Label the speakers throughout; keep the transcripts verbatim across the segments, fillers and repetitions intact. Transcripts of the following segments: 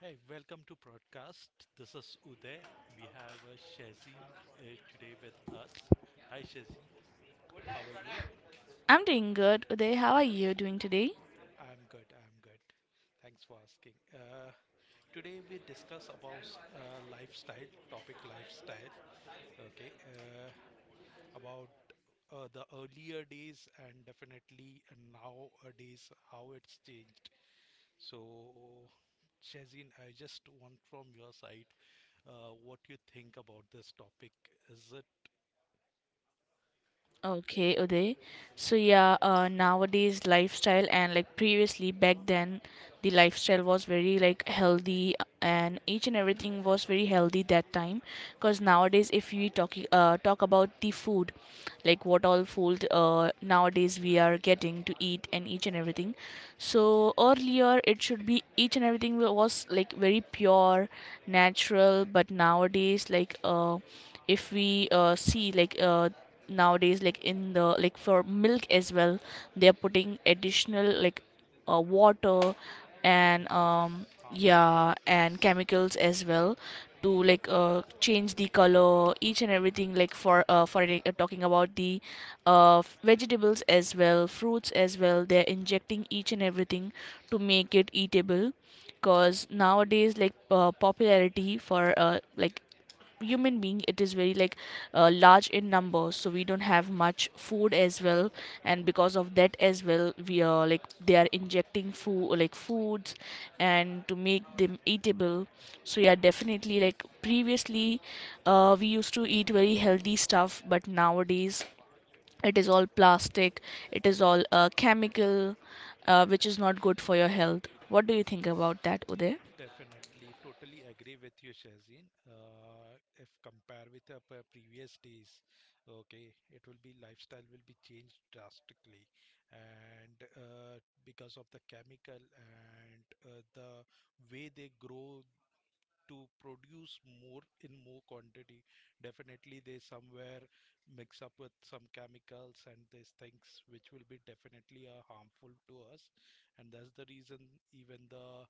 Speaker 1: Hey, welcome to broadcast. This is Uday. We have uh, Shazin uh, today with us. Hi, Shazin. How are you?
Speaker 2: I'm doing good, Uday. How are you doing today?
Speaker 1: I'm good. I'm good. Thanks for asking. Uh, today we discuss about uh, lifestyle topic, lifestyle. Okay, uh, about uh, the earlier days and definitely nowadays how it's changed. So, Shazin, I just want from your side uh, what you think about this topic. Is it.
Speaker 2: Okay, Uday. So yeah, uh, nowadays lifestyle and like previously back then, the lifestyle was very like healthy, and each and everything was very healthy that time. Because nowadays, if we talk uh, talk about the food, like what all food uh, nowadays we are getting to eat and each and everything, so earlier it should be each and everything wa- was like very pure natural. But nowadays like uh, if we uh, see like uh, nowadays like in the like for milk as well, they are putting additional like uh, water and um
Speaker 1: Chemicals, harmful
Speaker 2: yeah, and
Speaker 1: chemicals.
Speaker 2: chemicals
Speaker 1: Yes,
Speaker 2: as well to like uh, change the color each and everything, like for uh, for the- uh, talking about the uh, f- vegetables as well, fruits as well, they're injecting each and everything to make it eatable. Because nowadays like uh, popularity for uh, like human being, it is very like uh, large in numbers, so we don't have much food as well, and because of that as well we are like they are injecting food like foods and to make them eatable. So yeah, definitely like previously uh, we used to eat very healthy stuff, but nowadays it is all plastic, it is all uh, chemical, uh, which is not good for your health. What do you think about that,
Speaker 1: definitely. Totally agree with you, Shazin. Uh, if compare with the pre- previous days, okay, it will be lifestyle will be changed drastically, and uh, because of the chemical and uh, the way they grow to produce more in more quantity. Definitely, they somewhere mix up with some chemicals and these things, which will be definitely uh, harmful to us. And that's the reason even the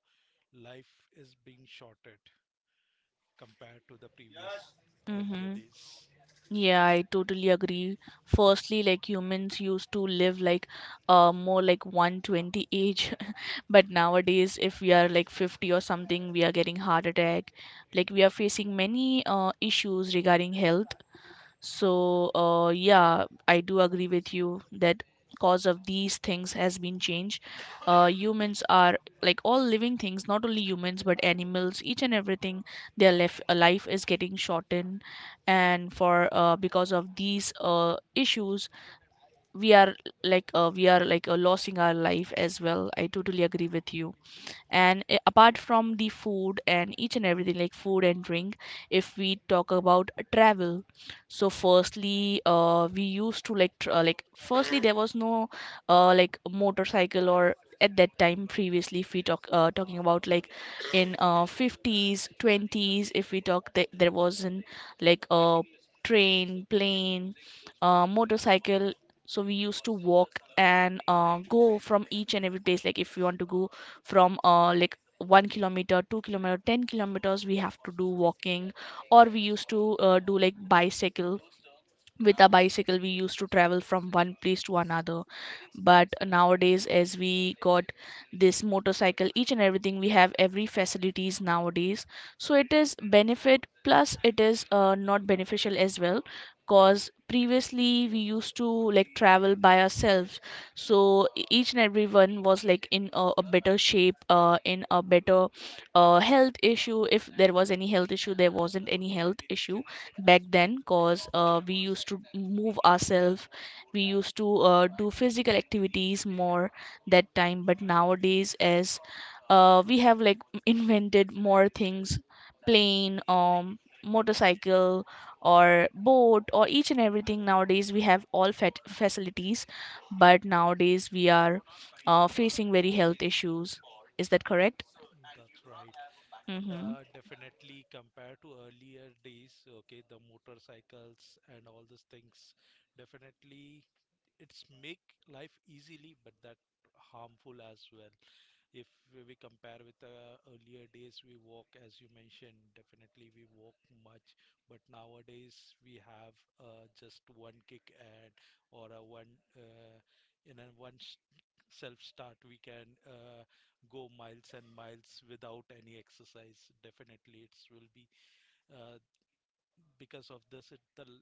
Speaker 1: life is being shorted compared to the previous earlier
Speaker 2: Uday?
Speaker 1: days.
Speaker 2: Yeah, I totally agree. Firstly, like humans used to live like uh more like one hundred twenty age, but
Speaker 1: Yes.
Speaker 2: nowadays if we are like fifty or something, we are getting heart attack. Like
Speaker 1: Mm,
Speaker 2: we are facing many uh issues regarding health. So, uh, yeah, I do agree with you that cause of these things has been changed. Uh, humans are like all living things, not only humans but animals, each and everything. Their life, uh, life is getting shortened, and for uh, because of these uh, issues, we are like uh, we are like uh, losing our life as well. I totally agree with you. And uh, apart from the food and each and everything, like food and drink, if we talk about travel, so
Speaker 1: mm,
Speaker 2: firstly uh, we used to like tr- uh, like firstly there was no uh, like motorcycle. Or at that time previously, if we talk uh, talking about like in uh, fifties, twenties, if we talk th- there wasn't like a train, plane, uh, motorcycle. So we used to walk and uh, go from each and every place, like if we want to go from uh, like one kilometer, two kilometer, ten kilometers we have to do walking, or we used to uh, do like bicycle. With a bicycle we used to travel from one place to another, but nowadays as we got this motorcycle each and everything, we have every facilities nowadays. So it is benefit plus it is uh, not beneficial as well, cause previously we used to like travel by ourselves. So e- each and everyone was like in a, a better shape, uh, in a better uh, health issue. If there was any health issue, there wasn't any health issue back then, because uh, we used to move ourselves, we used to uh, do physical activities more that time. But nowadays as uh, we have like invented more things, plane, um motorcycle, or boat, or each and everything. Nowadays we have all fat facilities, but nowadays we are uh, facing very health issues. Is that correct?
Speaker 1: mm. That's right.
Speaker 2: Mm-hmm.
Speaker 1: Uh, definitely compared to earlier days, okay, the motorcycles and all these things, definitely it's make life easily but that harmful as well. If we compare with uh, earlier days, we walk as you mentioned. Definitely we walk much. But nowadays we have uh, just one kick and or a one uh, in a one s- self start we can uh, go miles and miles without any exercise. Definitely it's will be uh, because of this it the l-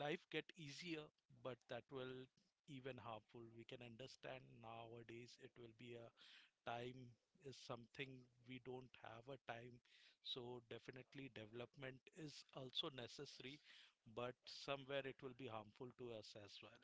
Speaker 1: life get easier but that will even harmful. We can understand nowadays it will be a time is something we don't have a time. So definitely development is also necessary but somewhere it will be harmful to us as well.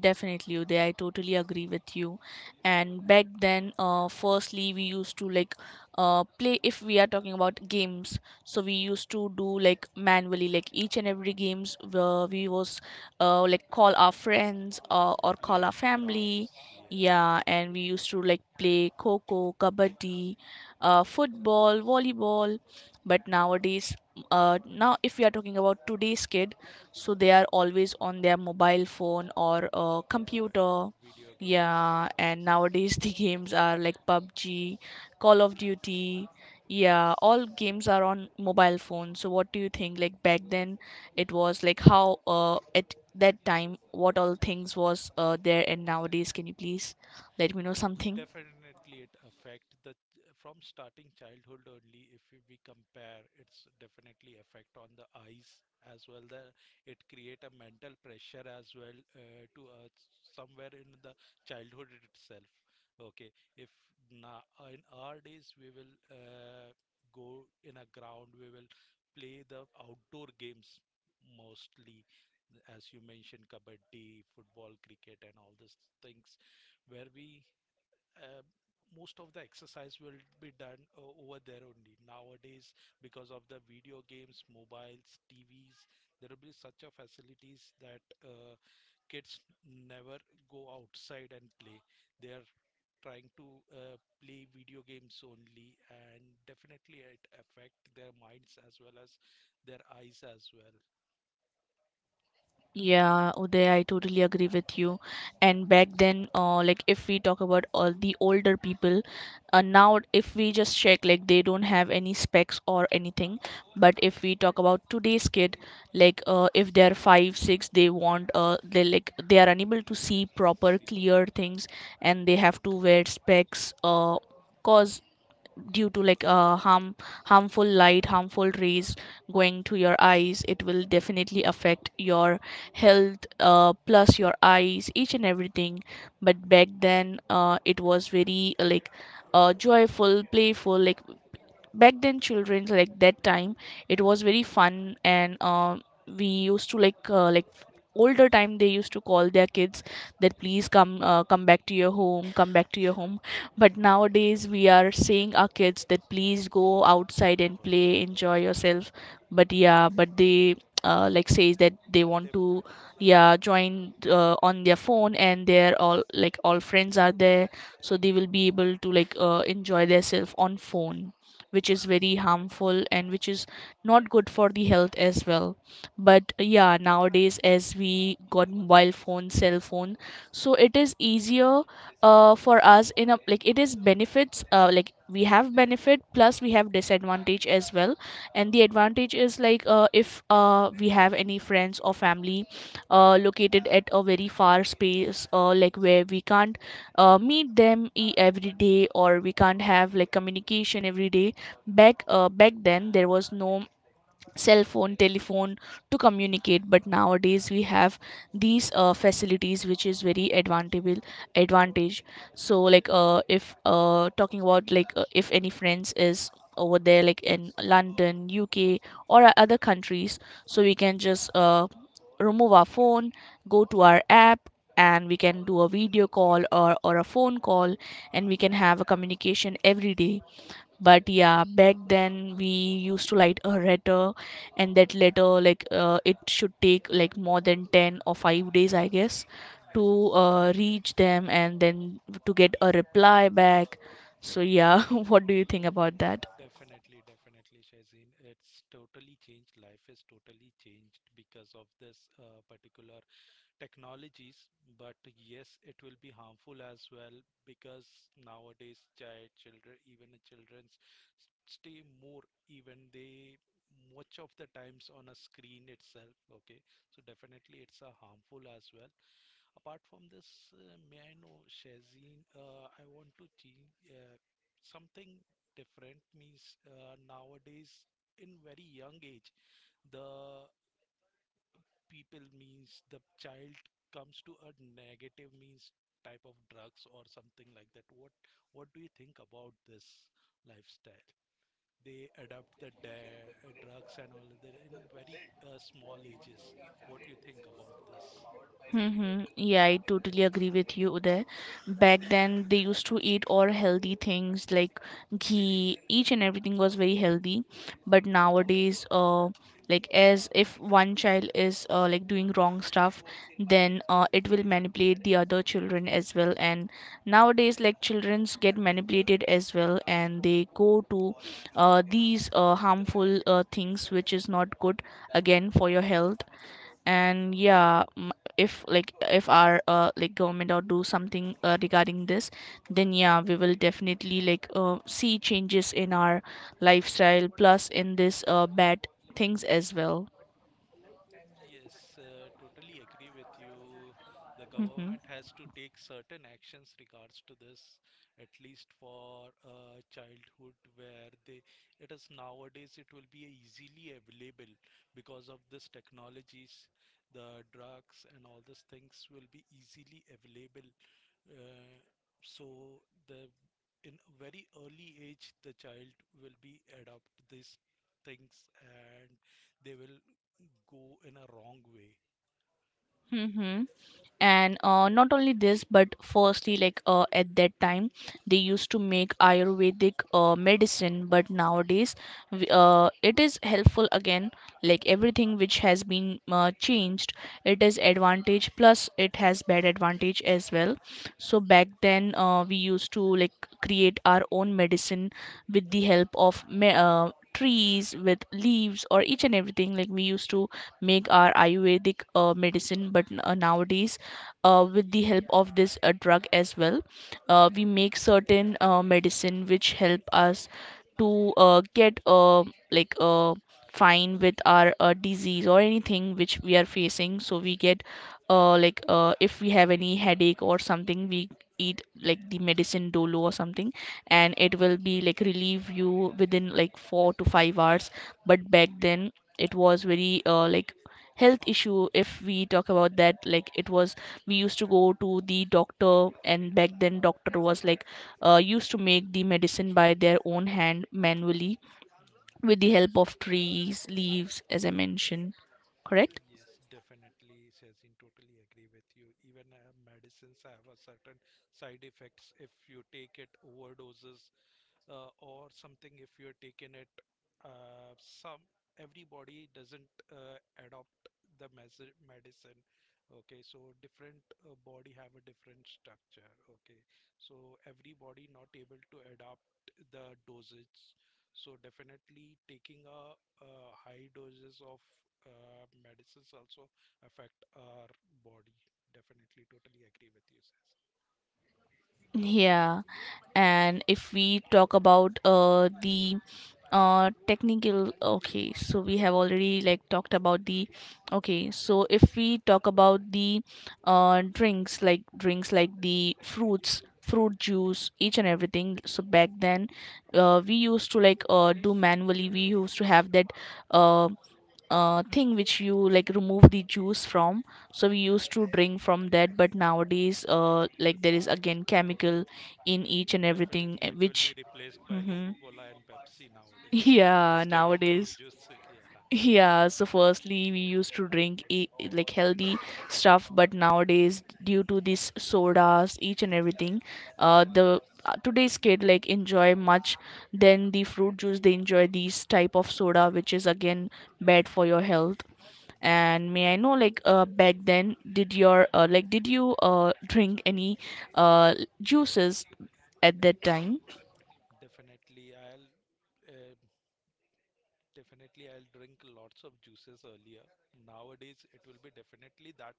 Speaker 2: Definitely, Uday. I totally agree with you. And back then, uh, firstly, we used to like uh, play, if we are talking about games. So we used to do like manually, like each and every games, where we was uh, like call our friends uh, or call
Speaker 1: Play
Speaker 2: our
Speaker 1: in a
Speaker 2: family.
Speaker 1: grounds. Yes,
Speaker 2: Yeah, and we used to like play coco, kabaddi, uh, football, volleyball. But nowadays, uh, now if we are talking about today's kid, so they are always on their mobile phone or uh,
Speaker 1: that's right.
Speaker 2: computer.
Speaker 1: Video
Speaker 2: Yeah,
Speaker 1: games.
Speaker 2: and
Speaker 1: Yes,
Speaker 2: nowadays the games are like PUBG,
Speaker 1: yes.
Speaker 2: Call of Duty.
Speaker 1: Yes,
Speaker 2: Yeah, all
Speaker 1: yes.
Speaker 2: games are on mobile phone. So what do you think, like back then it was like how, uh, at that time what all things was uh, there, and nowadays? Can you please let me know something?
Speaker 1: Definitely, it affect the from starting childhood only. If we we compare, it's definitely affect on the eyes as well. The it create a mental pressure as well uh, to uh, somewhere in the childhood itself. Okay, if now in our days we will uh, go in a ground, we will play the outdoor games mostly, as you mentioned, kabaddi, football, cricket, and all these things where we uh, most of the exercise will be done uh, over there only. Nowadays, because of the video games, mobiles, T Vs, there will be such a facilities that uh, kids never go outside and play. They are trying to uh, play video games only, and definitely it affect their minds as well as their eyes as well.
Speaker 2: Yeah, Uday, I totally agree with you. And back then, uh, like if we talk about all the older people, uh, now if we just check, like they don't have any specs or anything. But if we talk about today's kid, like uh, if
Speaker 1: Yes,
Speaker 2: they're five, six, they want, uh, they like they are unable to see proper,
Speaker 1: see.
Speaker 2: clear things, and they have to wear specs, uh, cause due to like uh, harm harmful light, harmful rays going to your eyes, it will definitely affect your health, uh, plus your eyes, each and everything. But back then uh, it was very uh, like uh, joyful, playful. Like back then children, like that time it was very fun. And um, we used to like uh, like older time, they used to call their kids that please come, uh, come back to your home come back to your home. But nowadays we
Speaker 1: Mm.
Speaker 2: are saying our kids that please go outside
Speaker 1: Go
Speaker 2: and
Speaker 1: outside.
Speaker 2: play, enjoy yourself. But yeah, but they uh, like says that they
Speaker 1: They.
Speaker 2: want to yeah join uh, on their phone, and they're all like all friends are there, so they will be able to like uh, enjoy themselves on phone, which is
Speaker 1: Yes,
Speaker 2: very harmful and which is not good for the health as well. But yeah, nowadays as we got mobile phone, cell phone, so it is easier uh, for us, in a like it is benefits, uh, like we have benefit plus we have disadvantage as
Speaker 1: that's all.
Speaker 2: well. And the advantage is like, uh, if uh, we have any friends or family uh, located at a very far space, uh, like where we can't uh, meet them e- every day, or we can't have like communication every day. Back uh, back then there was no cell phone, telephone to communicate, but nowadays we have these uh, facilities, which is very advantageable advantage. So like uh, if uh, talking about like uh, if any friends is over there like in London, U K or o- other countries, so we can just uh, remove our phone, go to our app, and we can do a video call or, or a phone call, and we can have a communication every day. But yeah, back then we used to write a letter, and that letter like uh, it should take like more than ten or
Speaker 1: Modern,
Speaker 2: five days, I
Speaker 1: yes.
Speaker 2: guess, to
Speaker 1: Yes.
Speaker 2: uh, reach them, and then to get a reply back. So yeah, what do you think about that?
Speaker 1: Definitely, definitely, Shazin. It's totally changed. Life is totally changed because of this uh, particular technologies. But yes, it will be harmful as well because nowadays child, children, even the children's stay more, even they much of the times on a screen itself. Okay, so definitely it's a harmful as well. Apart from this, uh, may I know, Shazin, uh, I want to change uh, something different means uh, nowadays in very young age, the people means the child comes to a negative means type of drugs or something like that. What what do you think about this lifestyle? They adopt the da- uh, drugs and all of that in very uh, small ages. What do you think about this?
Speaker 2: Mm-hmm. Yeah, I totally agree with you there. Back then, they used to eat all healthy things like ghee. Each and everything was very healthy. But nowadays, uh, like as if one child is uh, like doing wrong stuff, then uh, it will manipulate the other children as well. And nowadays, like childrens get manipulated as well, and they go to uh, these uh, harmful uh, things, which is not good again for your health. And yeah, m- if like if our uh, like government or do something uh, regarding this, then yeah, we will definitely like uh, see changes in our lifestyle plus in this uh, bad things as well.
Speaker 1: Yes, uh, totally agree with you. The
Speaker 2: Mm-hmm.
Speaker 1: government has to take certain actions regards to this, at least for uh, childhood, where they it is nowadays it will be easily available because of this technologies, the drugs and all these things will be easily available uh, so the in a very early age, the child will be adopt these things and they will go in a wrong way.
Speaker 2: Mm-hmm. And uh, not only this, but firstly like uh, at that time they used to make ayurvedic uh, medicine. But nowadays w- uh, it is helpful again, like everything which has been uh, changed, it is advantage plus it has bad advantage as well. So back then uh, we used to like create our own medicine with the help of me- uh, trees, with leaves or each and everything, like we used to make our ayurvedic uh, medicine. But n- uh, nowadays uh, with the help of this uh, drug as well, uh, we make certain uh, medicine which help us to uh, get uh, like uh, fine with our uh, disease or anything which we are facing. So we get uh, like uh, if we have any headache or something, we eat like the medicine dolo or something, and it will be like relieve you within like four to five hours. But
Speaker 1: Mhm.
Speaker 2: back then it was very uh, like health issue
Speaker 1: Harmful.
Speaker 2: if we talk
Speaker 1: Yes.
Speaker 2: about that, like it was, we used to go to the doctor. And back then doctor was like uh, used to make the medicine by their own hand manually,
Speaker 1: Mm.
Speaker 2: with the help of trees, leaves, as I mentioned. Correct?
Speaker 1: Yes, definitely, Shazin, totally agree with you. Even uh, medicines have a certain side effects if you take it overdoses uh, or something if you're taking it uh, some everybody doesn't uh, adopt the mes- medicine. Okay, so different uh, body have a different structure. Okay, so everybody not able to adopt the dosage. So definitely taking a, uh high doses of uh, medicines also affect our body. Definitely totally agree with you, sis.
Speaker 2: Yeah, and if we talk about uh the uh technical, okay, so we have already like talked about the, okay, so if we talk about the uh drinks, like drinks like the fruits, fruit juice, each and everything. So back then, uh we used to like uh do manually. We used to have that uh uh, thing which you like remove the juice from, so we used to
Speaker 1: Yes,
Speaker 2: drink from that. But nowadays, uh, like, there is again chemical
Speaker 1: definitely.
Speaker 2: in each and everything,
Speaker 1: Definitely,
Speaker 2: eh,
Speaker 1: it will be
Speaker 2: which
Speaker 1: replaced by
Speaker 2: hmm
Speaker 1: Coca-Cola and Pepsi nowadays
Speaker 2: yeah,
Speaker 1: instead of fruit
Speaker 2: nowadays.
Speaker 1: juice. Yeah,
Speaker 2: Yeah, so firstly we used to drink e- like healthy stuff, but nowadays due to these sodas each and everything, uh, the uh, today's kid like enjoy much than the fruit juice. They enjoy these type of soda which is again bad for your health.
Speaker 1: definitely.
Speaker 2: And may I know, like, uh, back then, did your uh, like, did you uh drink any uh juices at that time?
Speaker 1: Definitely, I'll uh, definitely I'll drink lots of juices earlier. Nowadays, it will be definitely that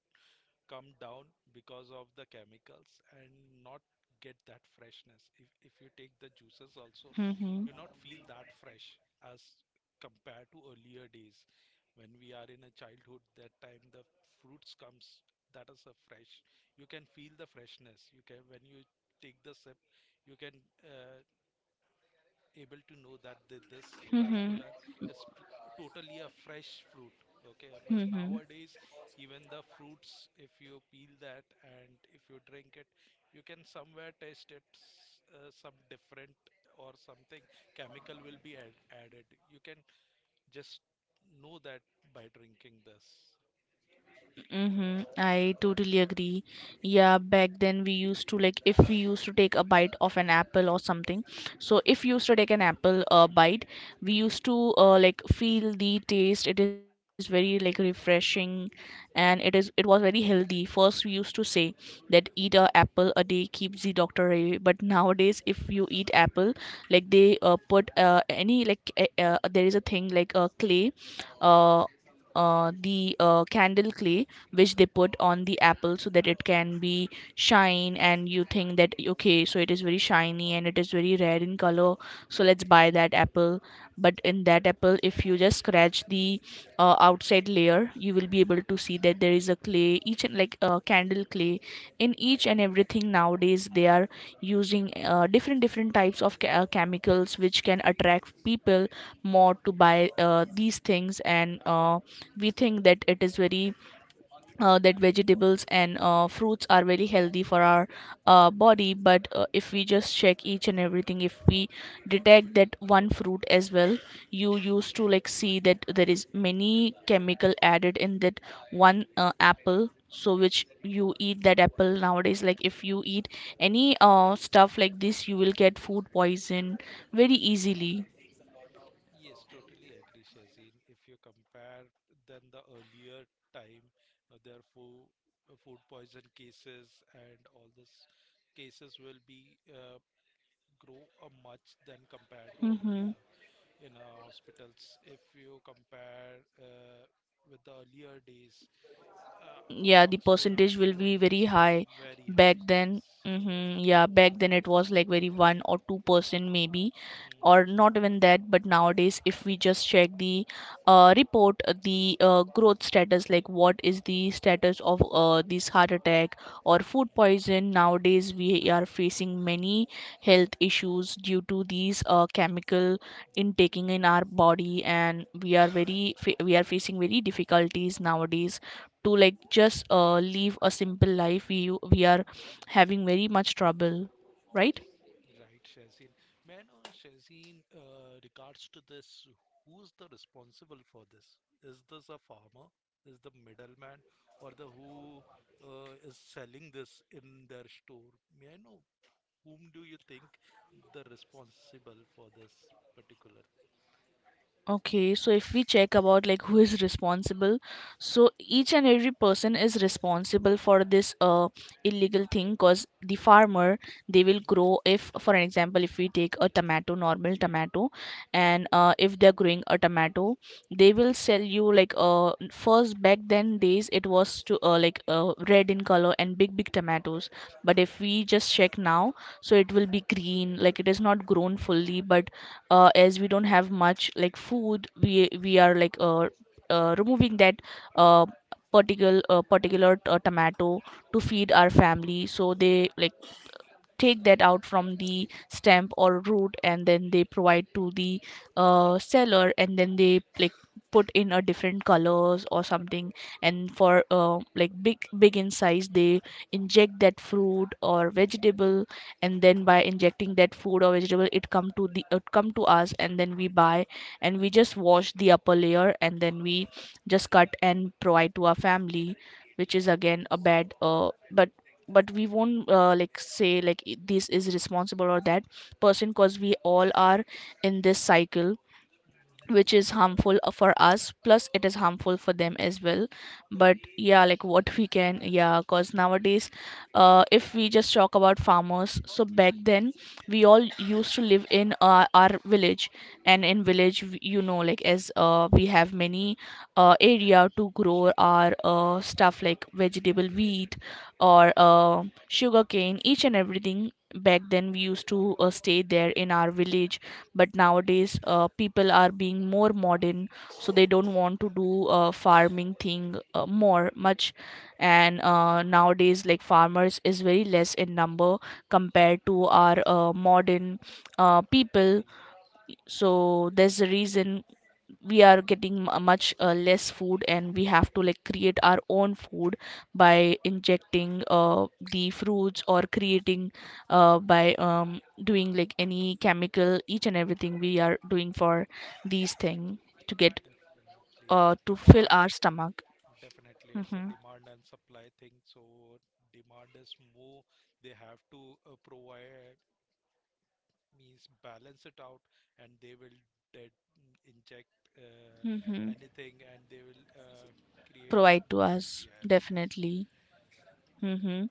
Speaker 1: come down because of the chemicals and not get that freshness. If, if you take the juices also,
Speaker 2: Mm-hmm.
Speaker 1: you not feel that fresh as compared to earlier days when we are in a childhood that time the fruits comes that is a fresh you can feel the freshness you can when you take the sip you can uh, able to know that th- this
Speaker 2: Mm-hmm.
Speaker 1: particular is tr- totally a fresh fruit. Okay, but
Speaker 2: Mm-hmm.
Speaker 1: nowadays, even the fruits, if you peel that and if you drink it, you can somewhere taste it s- uh, some different or something chemical will be add, added. You can just know that by drinking this.
Speaker 2: Mm-hmm. I totally agree. Yeah, back then we used to like, if we used to take a bite of an apple or something. So if you used to take an apple uh, bite, we used to uh, like feel the taste. It is very like refreshing, and it is it was very healthy. First, we used to say that eat a apple a day keeps the doctor away. But nowadays, if you eat apple, like they uh, put uh, any like uh, uh, there is a thing like a clay, uh, uh, the uh, candle clay which they put on the apple so that it can be shine, and you think that, okay, so it is very shiny and it is very rare in color, so let's buy that apple. But in that apple, if you just scratch the uh, outside layer, you will be able to see
Speaker 1: Yes.
Speaker 2: that there is a clay, each and like a candle clay in each and
Speaker 1: Yes.
Speaker 2: everything. Nowadays they are using uh, different different types of ca- uh, chemicals which can attract people more to buy uh, these things. And uh, we think that it is very uh, that vegetables and uh, fruits are very healthy for our uh, body. But uh, if we just check each and everything, if we detect that one fruit as well, you used to like see that there is many chemical added in that one uh, apple. So which you eat that apple nowadays, like if you eat any uh, stuff like this, you will get food poison very easily.
Speaker 1: Yes, totally agree, Shazin. If you compare than the earlier time, uh, their food, food poison cases and all these cases will be uh, grow a much than compared to
Speaker 2: Mm-hmm.
Speaker 1: earlier in our hospitals. If you compare uh, with the earlier days, uh,
Speaker 2: Yeah, the
Speaker 1: approximately around
Speaker 2: percentage will
Speaker 1: few
Speaker 2: be very
Speaker 1: years, but
Speaker 2: high.
Speaker 1: very
Speaker 2: Back
Speaker 1: high. Yes.
Speaker 2: then, mm-hmm, yeah, back then it was like very one or two percent maybe, or
Speaker 1: Hmm.
Speaker 2: not even that. But nowadays if we just check the uh, report, the uh, growth status, like what is the status of uh, this heart attack or
Speaker 1: Hmm,
Speaker 2: food
Speaker 1: hmm,
Speaker 2: poison, nowadays we are facing many health issues due to these uh, chemical
Speaker 1: hmm,
Speaker 2: intaking in our body, and we are very fa- we are facing very difficulties nowadays to like just uh, live a simple life. We we are
Speaker 1: hmm.
Speaker 2: having very much trouble, right?
Speaker 1: Right, Shazin. Man or Shazin, uh, regards to this, who's the responsible for this? Is this a farmer? Is the middleman or the who uh, is selling this in their store? May I know whom do you think the responsible for this particular?
Speaker 2: Okay, so if we check about like who is responsible, so each and every person is responsible for this uh illegal thing. Because the farmer, they will
Speaker 1: Mm,
Speaker 2: grow if, for an example, if we take a tomato, normal tomato, and uh
Speaker 1: mhm,
Speaker 2: if they're growing a tomato, they will sell you like uh first, back then days, it was to uh, like uh, red in color and big big tomatoes. But if
Speaker 1: mm,
Speaker 2: we just check now, so it will be green, like it is not grown fully. But uh, as we don't have much like food, we we are like uh, uh, removing that uh, particular uh, particular uh, tomato to feed our family. So they like take that out from the stem or root, and then they provide to the uh, seller. And then they like put in a different colors or something, and for uh, like big big in size, they inject that fruit or vegetable. And then by injecting that food or vegetable, it come to the it come to us, and then we buy and we just wash the upper layer, and then we just cut and provide to our family, which is again a bad uh, but but we won't uh, like say like i- this is responsible or that person, because we all are in this cycle
Speaker 1: mhm.
Speaker 2: which is harmful uh, for us, plus it is harmful for them as well. But yeah,
Speaker 1: Yes,
Speaker 2: like what we can, yeah, cause nowadays, uh, if we just talk about farmers, so back then we all used to live in uh, our village. And in village, w- you know, like as uh, we have many uh, area to grow our uh, stuff like vegetable, wheat, or uh, sugarcane, each and everything. Back then we used to uh, stay there in our village, but nowadays uh, people are being more modern, so they don't want to do uh, farming thing uh, more much. And uh, nowadays like farmers is very less in number compared to our uh, modern uh, people.
Speaker 1: previous,
Speaker 2: So there's a reason we are getting mu- much uh, less food, and we have to like create our own food by injecting uh, the fruits, or creating uh, by um, doing like any chemical. Each and everything we are doing for these thing to get
Speaker 1: definitely
Speaker 2: uh,
Speaker 1: the
Speaker 2: to fill
Speaker 1: demand.
Speaker 2: our stomach.
Speaker 1: Definitely, it's a
Speaker 2: Mm-hmm.
Speaker 1: demand and supply thing. So demand is more. They have to uh, provide means balance it out, and they will de inject uh,
Speaker 2: Mm-hmm.
Speaker 1: anything, and they will uh, create a
Speaker 2: Provide to
Speaker 1: more.
Speaker 2: us
Speaker 1: Yes, yes.
Speaker 2: definitely. Mm-hmm.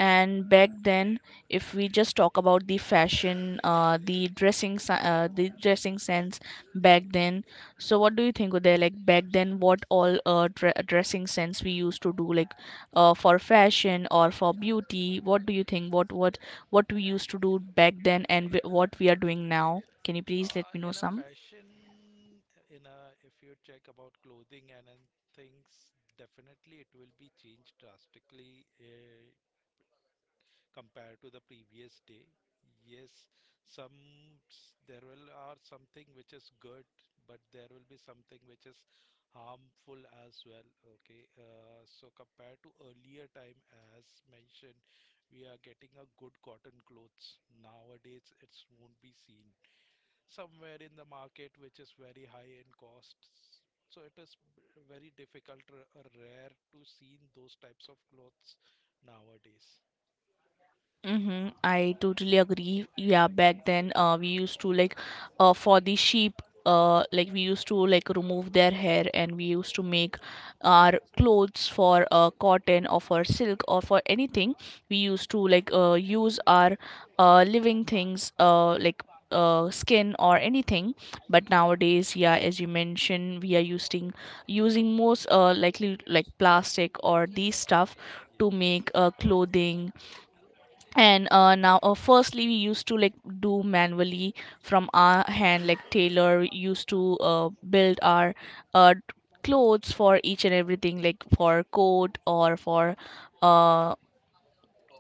Speaker 2: And back then, if we just talk about the fashion, uh, the dressing se- uh, the dressing sense back then, so what do you think, Uday? Like back then, what all uh, dre- dressing sense we used to do, like uh, for fashion or for beauty, what do you think, what what what we used to do back then, and wh- what we are doing now? Can you please let
Speaker 1: Uh,
Speaker 2: me know
Speaker 1: in a
Speaker 2: some?
Speaker 1: fashion, in a if you check about clothing and, and things, definitely it will be changed drastically uh, compared to the previous day. Yes, some s- there will are something which is good, but there will be something which is harmful as well. Okay, uh, so compared to earlier time, as mentioned, we are getting a good cotton clothes. Nowadays, it won't be seen somewhere in the market which is very high in costs. So it is b- very difficult or or rare to see those types of clothes nowadays.
Speaker 2: Mm-hmm. I totally agree. Yeah, back then, uh, we used to like, uh, for the sheep, uh, like we used to like remove their hair, and we used to make
Speaker 1: Hmm.
Speaker 2: our clothes for uh, cotton or for silk or for anything. We used to like uh, use our uh, living things, uh, like uh, skin or anything. But nowadays, yeah, as you mentioned, we are using using most uh, likely like plastic or these stuff to
Speaker 1: Yes,
Speaker 2: make uh, clothing. And uh, now uh, firstly we used to like do manually from our hand, like tailor used to uh, build our uh, clothes for each and everything, like for coat or for uh,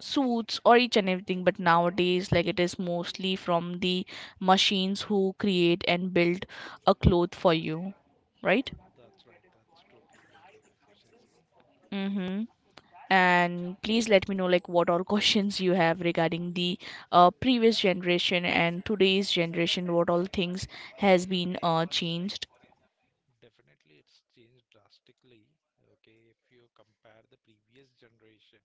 Speaker 2: suits or each and everything. But nowadays like it is mostly from the machines who create and build a cloth for you, right?
Speaker 1: that's right. That's totally agree with you, Shazi.
Speaker 2: Mm-hmm. And please let me know like what all questions you have regarding the uh, previous generation and today's generation, what all things has been uh, changed.
Speaker 1: Definitely, it's changed drastically. Okay, if you compare the previous generation,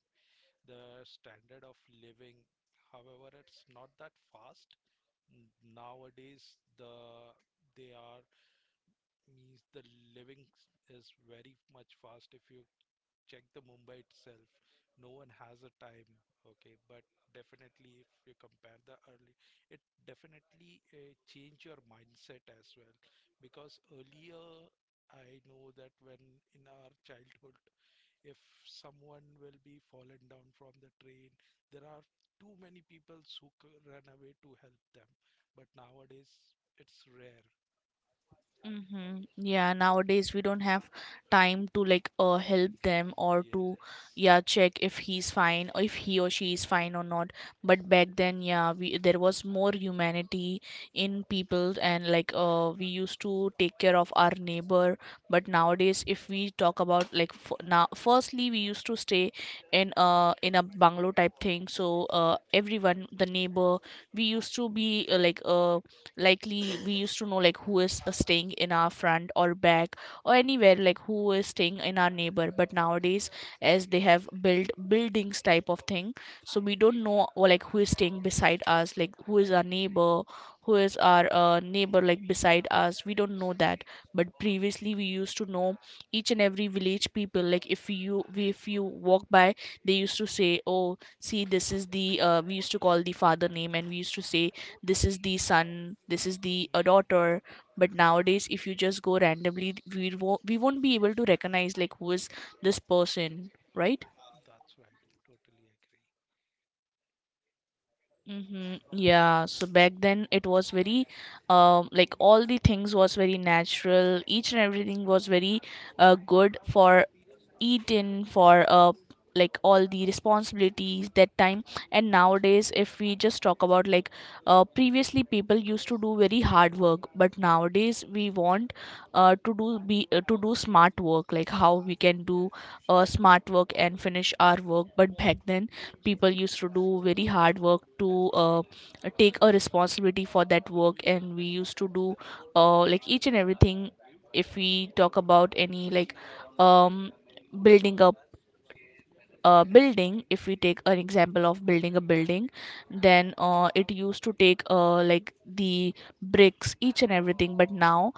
Speaker 1: the standard of living, however, it's not that fast. N- Nowadays, the they are means the living s- is very much fast. If you check the Mumbai itself. No one has a time, okay? But definitely, if you compare the early, it definitely uh, change your mindset as well. Because earlier, I know that when in our childhood, if someone will be fallen down from the train, there are too many people who c- run away to help them. But nowadays, it's rare.
Speaker 2: Mm-hmm. Yeah, nowadays we don't have time to like uh help them or to,
Speaker 1: Yes.
Speaker 2: yeah, check if he's fine, or if he or she
Speaker 1: Yeah.
Speaker 2: is fine or not. But back then, yeah, we there was more humanity in people, and like uh we used to take care of our neighbor. But nowadays, if we talk about like f now, firstly we used to stay in uh in a bungalow type thing. So uh everyone, the neighbor, we used to be uh, like uh likely we used to know like who is uh, staying in our front or back or anywhere, like who is staying in our neighbor. But nowadays, as they have built buildings type of thing, so we don't know or, like, who is staying beside us, like who is our neighbor, who is our uh, neighbor like beside us, we don't know that. But previously we used to know each and every village people. Like if you we- if you walk by, they used to say, oh, see, this is the uh, we used to call the father name, and we used to say this is the son, this is the a
Speaker 1: Mm,
Speaker 2: daughter. But nowadays, if you just go randomly, we won't, we won't be able to recognize like who is this person, right?
Speaker 1: that's right. Totally agree.
Speaker 2: Mm-hmm. Yeah, so back then it was very, um, like, all the things was very natural. Each and everything was very, uh, good for eaten for uh, like all the responsibilities that time. And nowadays if we just talk about like uh, previously people used to do very hard work, but nowadays
Speaker 1: Mm.
Speaker 2: we want uh, to do be uh, to do smart work like how we can do
Speaker 1: Yes,
Speaker 2: uh, smart work and finish our work. But back then people used to do very hard work to uh, take a responsibility for that work, and we used to do uh, like each and everything. If we talk about any like um building up a building, if we take an example of building a building, then uh, it used to take uh, like the bricks, each and everything. But now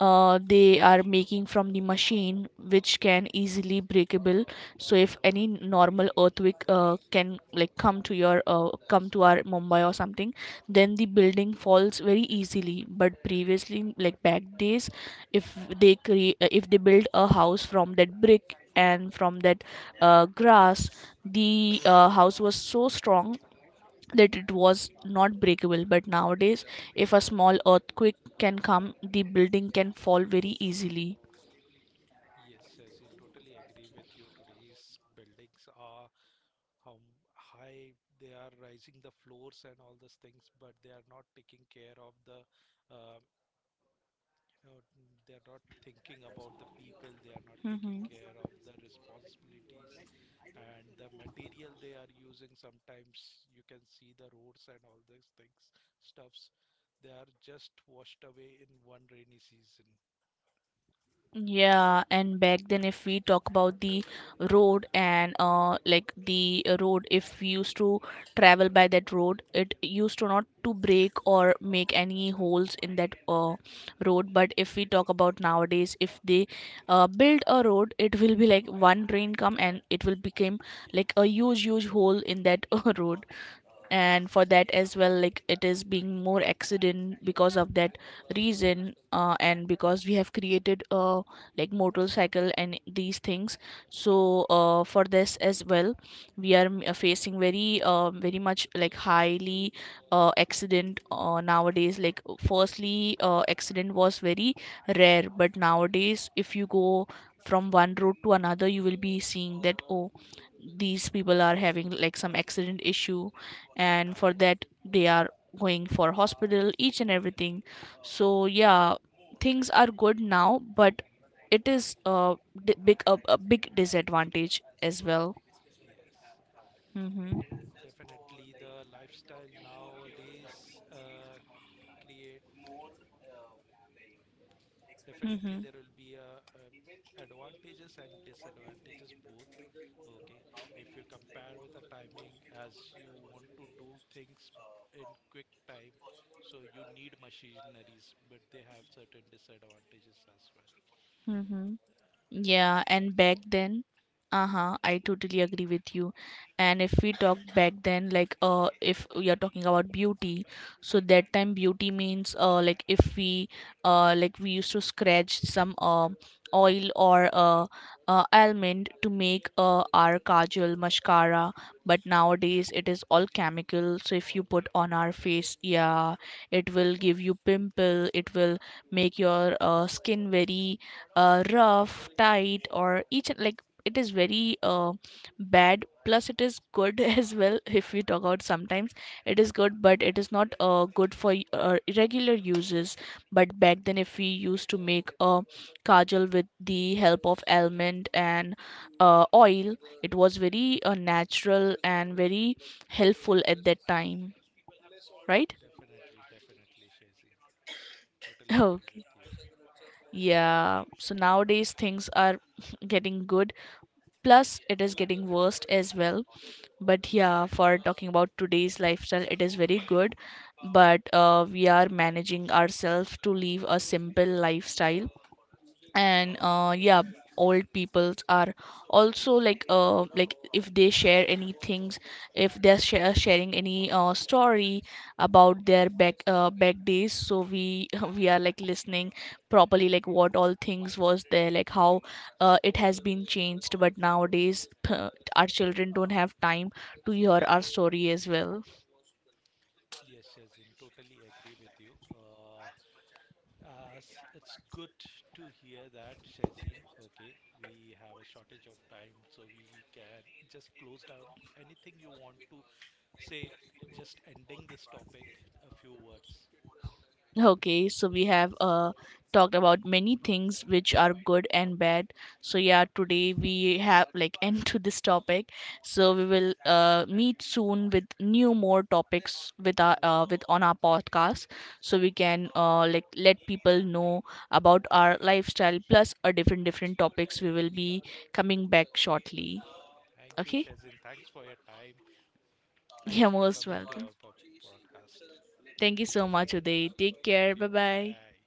Speaker 2: uh, they are making from the machine which can
Speaker 1: yes.
Speaker 2: easily breakable. So if
Speaker 1: Mm.
Speaker 2: any normal earthquake uh, can like come to your uh, come to our Mumbai or something, then the
Speaker 1: It's.
Speaker 2: building falls very easily. But previously, like back days, if they create if they build a house from that brick and from that uh, grass, the uh, house was so strong that it was not breakable. But nowadays, if a small earthquake can come, the building can fall very easily.
Speaker 1: Yes, Sachin, totally agree with you. Today's buildings are how m- high they are rising the floors and all those things, but they are not taking care of the uh, you know, they are not thinking about the people, they are not taking
Speaker 2: Hmm.
Speaker 1: care of the responsibilities and the material they are using sometimes you can see the roads and all these things stuffs they are just washed away in one rainy season.
Speaker 2: Yeah, and back then, if we talk about the road and uh, like the uh, road, if we used to travel by that road, it used to not to break or make any holes in that uh, road. But if we talk about nowadays, if they uh, build a road, it will be like one train come and it will become like a
Speaker 1: Yes,
Speaker 2: huge, huge hole in that uh,
Speaker 1: yes.
Speaker 2: road. And for that as well, like it is being more accident because of that reason, uh, and because we have created uh, like motorcycle and these things. So uh, for this as well we are m- uh, facing very uh, very much like highly uh, accident uh, nowadays. Like firstly uh, accident was very rare, but nowadays if you go from one road to another, you will be seeing that, oh, these people are having like some accident issue, and for
Speaker 1: Mm.
Speaker 2: that they are going for hospital, each and everything. So yeah, things are good now, but it is a d- big a, a big disadvantage as well.
Speaker 1: Yes,
Speaker 2: Mm-hmm.
Speaker 1: definitely. The lifestyle nowadays uh, create definitely
Speaker 2: Mm-hmm.
Speaker 1: there will be a, uh advantages and disadvantages both, okay, if you compare with the timing as you want to do things in quick time, so you need machineries but they have certain disadvantages as well.
Speaker 2: Mm-hmm.
Speaker 1: um,
Speaker 2: Yeah, and
Speaker 1: Regards.
Speaker 2: back then, uh-huh, I totally agree with you. And if we talk back then, like uh, if we are talking about beauty, so that time beauty means uh, like if we uh, like we used to scratch some um oil or uh, uh, almond to make uh, our kajal, mascara, but
Speaker 1: mm,
Speaker 2: nowadays it is all chemical. So if you
Speaker 1: all
Speaker 2: put on our
Speaker 1: chemicals.
Speaker 2: face, yeah, it will give you pimple, it will make your uh, skin very uh, rough, tight, or each and like it is very uh, bad. Plus, it is good as well. If we talk about sometimes, it is good, but it is not uh, good for y- uh, regular uses. But back then, if we used to make a kajal with the help of almond and uh, oil, it was very uh, natural and very helpful at that time, right?
Speaker 1: Definitely, definitely, Shazin, totally agree
Speaker 2: Okay.
Speaker 1: with you.
Speaker 2: Yeah. So nowadays things are getting good, plus it is getting worst as well. But yeah, for talking about today's lifestyle, it is very good, but uh, we are managing ourselves to live a simple lifestyle. And
Speaker 1: Yes.
Speaker 2: uh, yeah, old peoples are also like uh, like if they share any things, if they're share, sharing any uh, story about their back uh back days, so we we are like listening properly, like what all things was there, like how uh, it has been changed. But nowadays our children don't have time to hear our story as well.
Speaker 1: Yes, Shazin, totally agree with you. Uh, Uh, s- it's good to hear that, Shazin. Okay, we have a shortage of time, so we can just close down anything you want to say, just ending this topic, a few words.
Speaker 2: Okay, so we have uh, talked about many things which are good and bad. So yeah, today we have like end to this topic. So we will uh, meet soon with new more topics with our uh, with on our podcast. So we can uh, like let people know about our lifestyle plus a different different topics. We will be coming back shortly.
Speaker 1: Thank you,
Speaker 2: Okay,
Speaker 1: Shazin. Thanks for your time.
Speaker 2: yeah,
Speaker 1: Thanks to
Speaker 2: most
Speaker 1: coming to
Speaker 2: welcome.
Speaker 1: our po- podcast.
Speaker 2: Thank you
Speaker 1: Bye.
Speaker 2: so much, Uday. Take
Speaker 1: Thank
Speaker 2: care. Bye
Speaker 1: you.
Speaker 2: bye.
Speaker 1: Bye.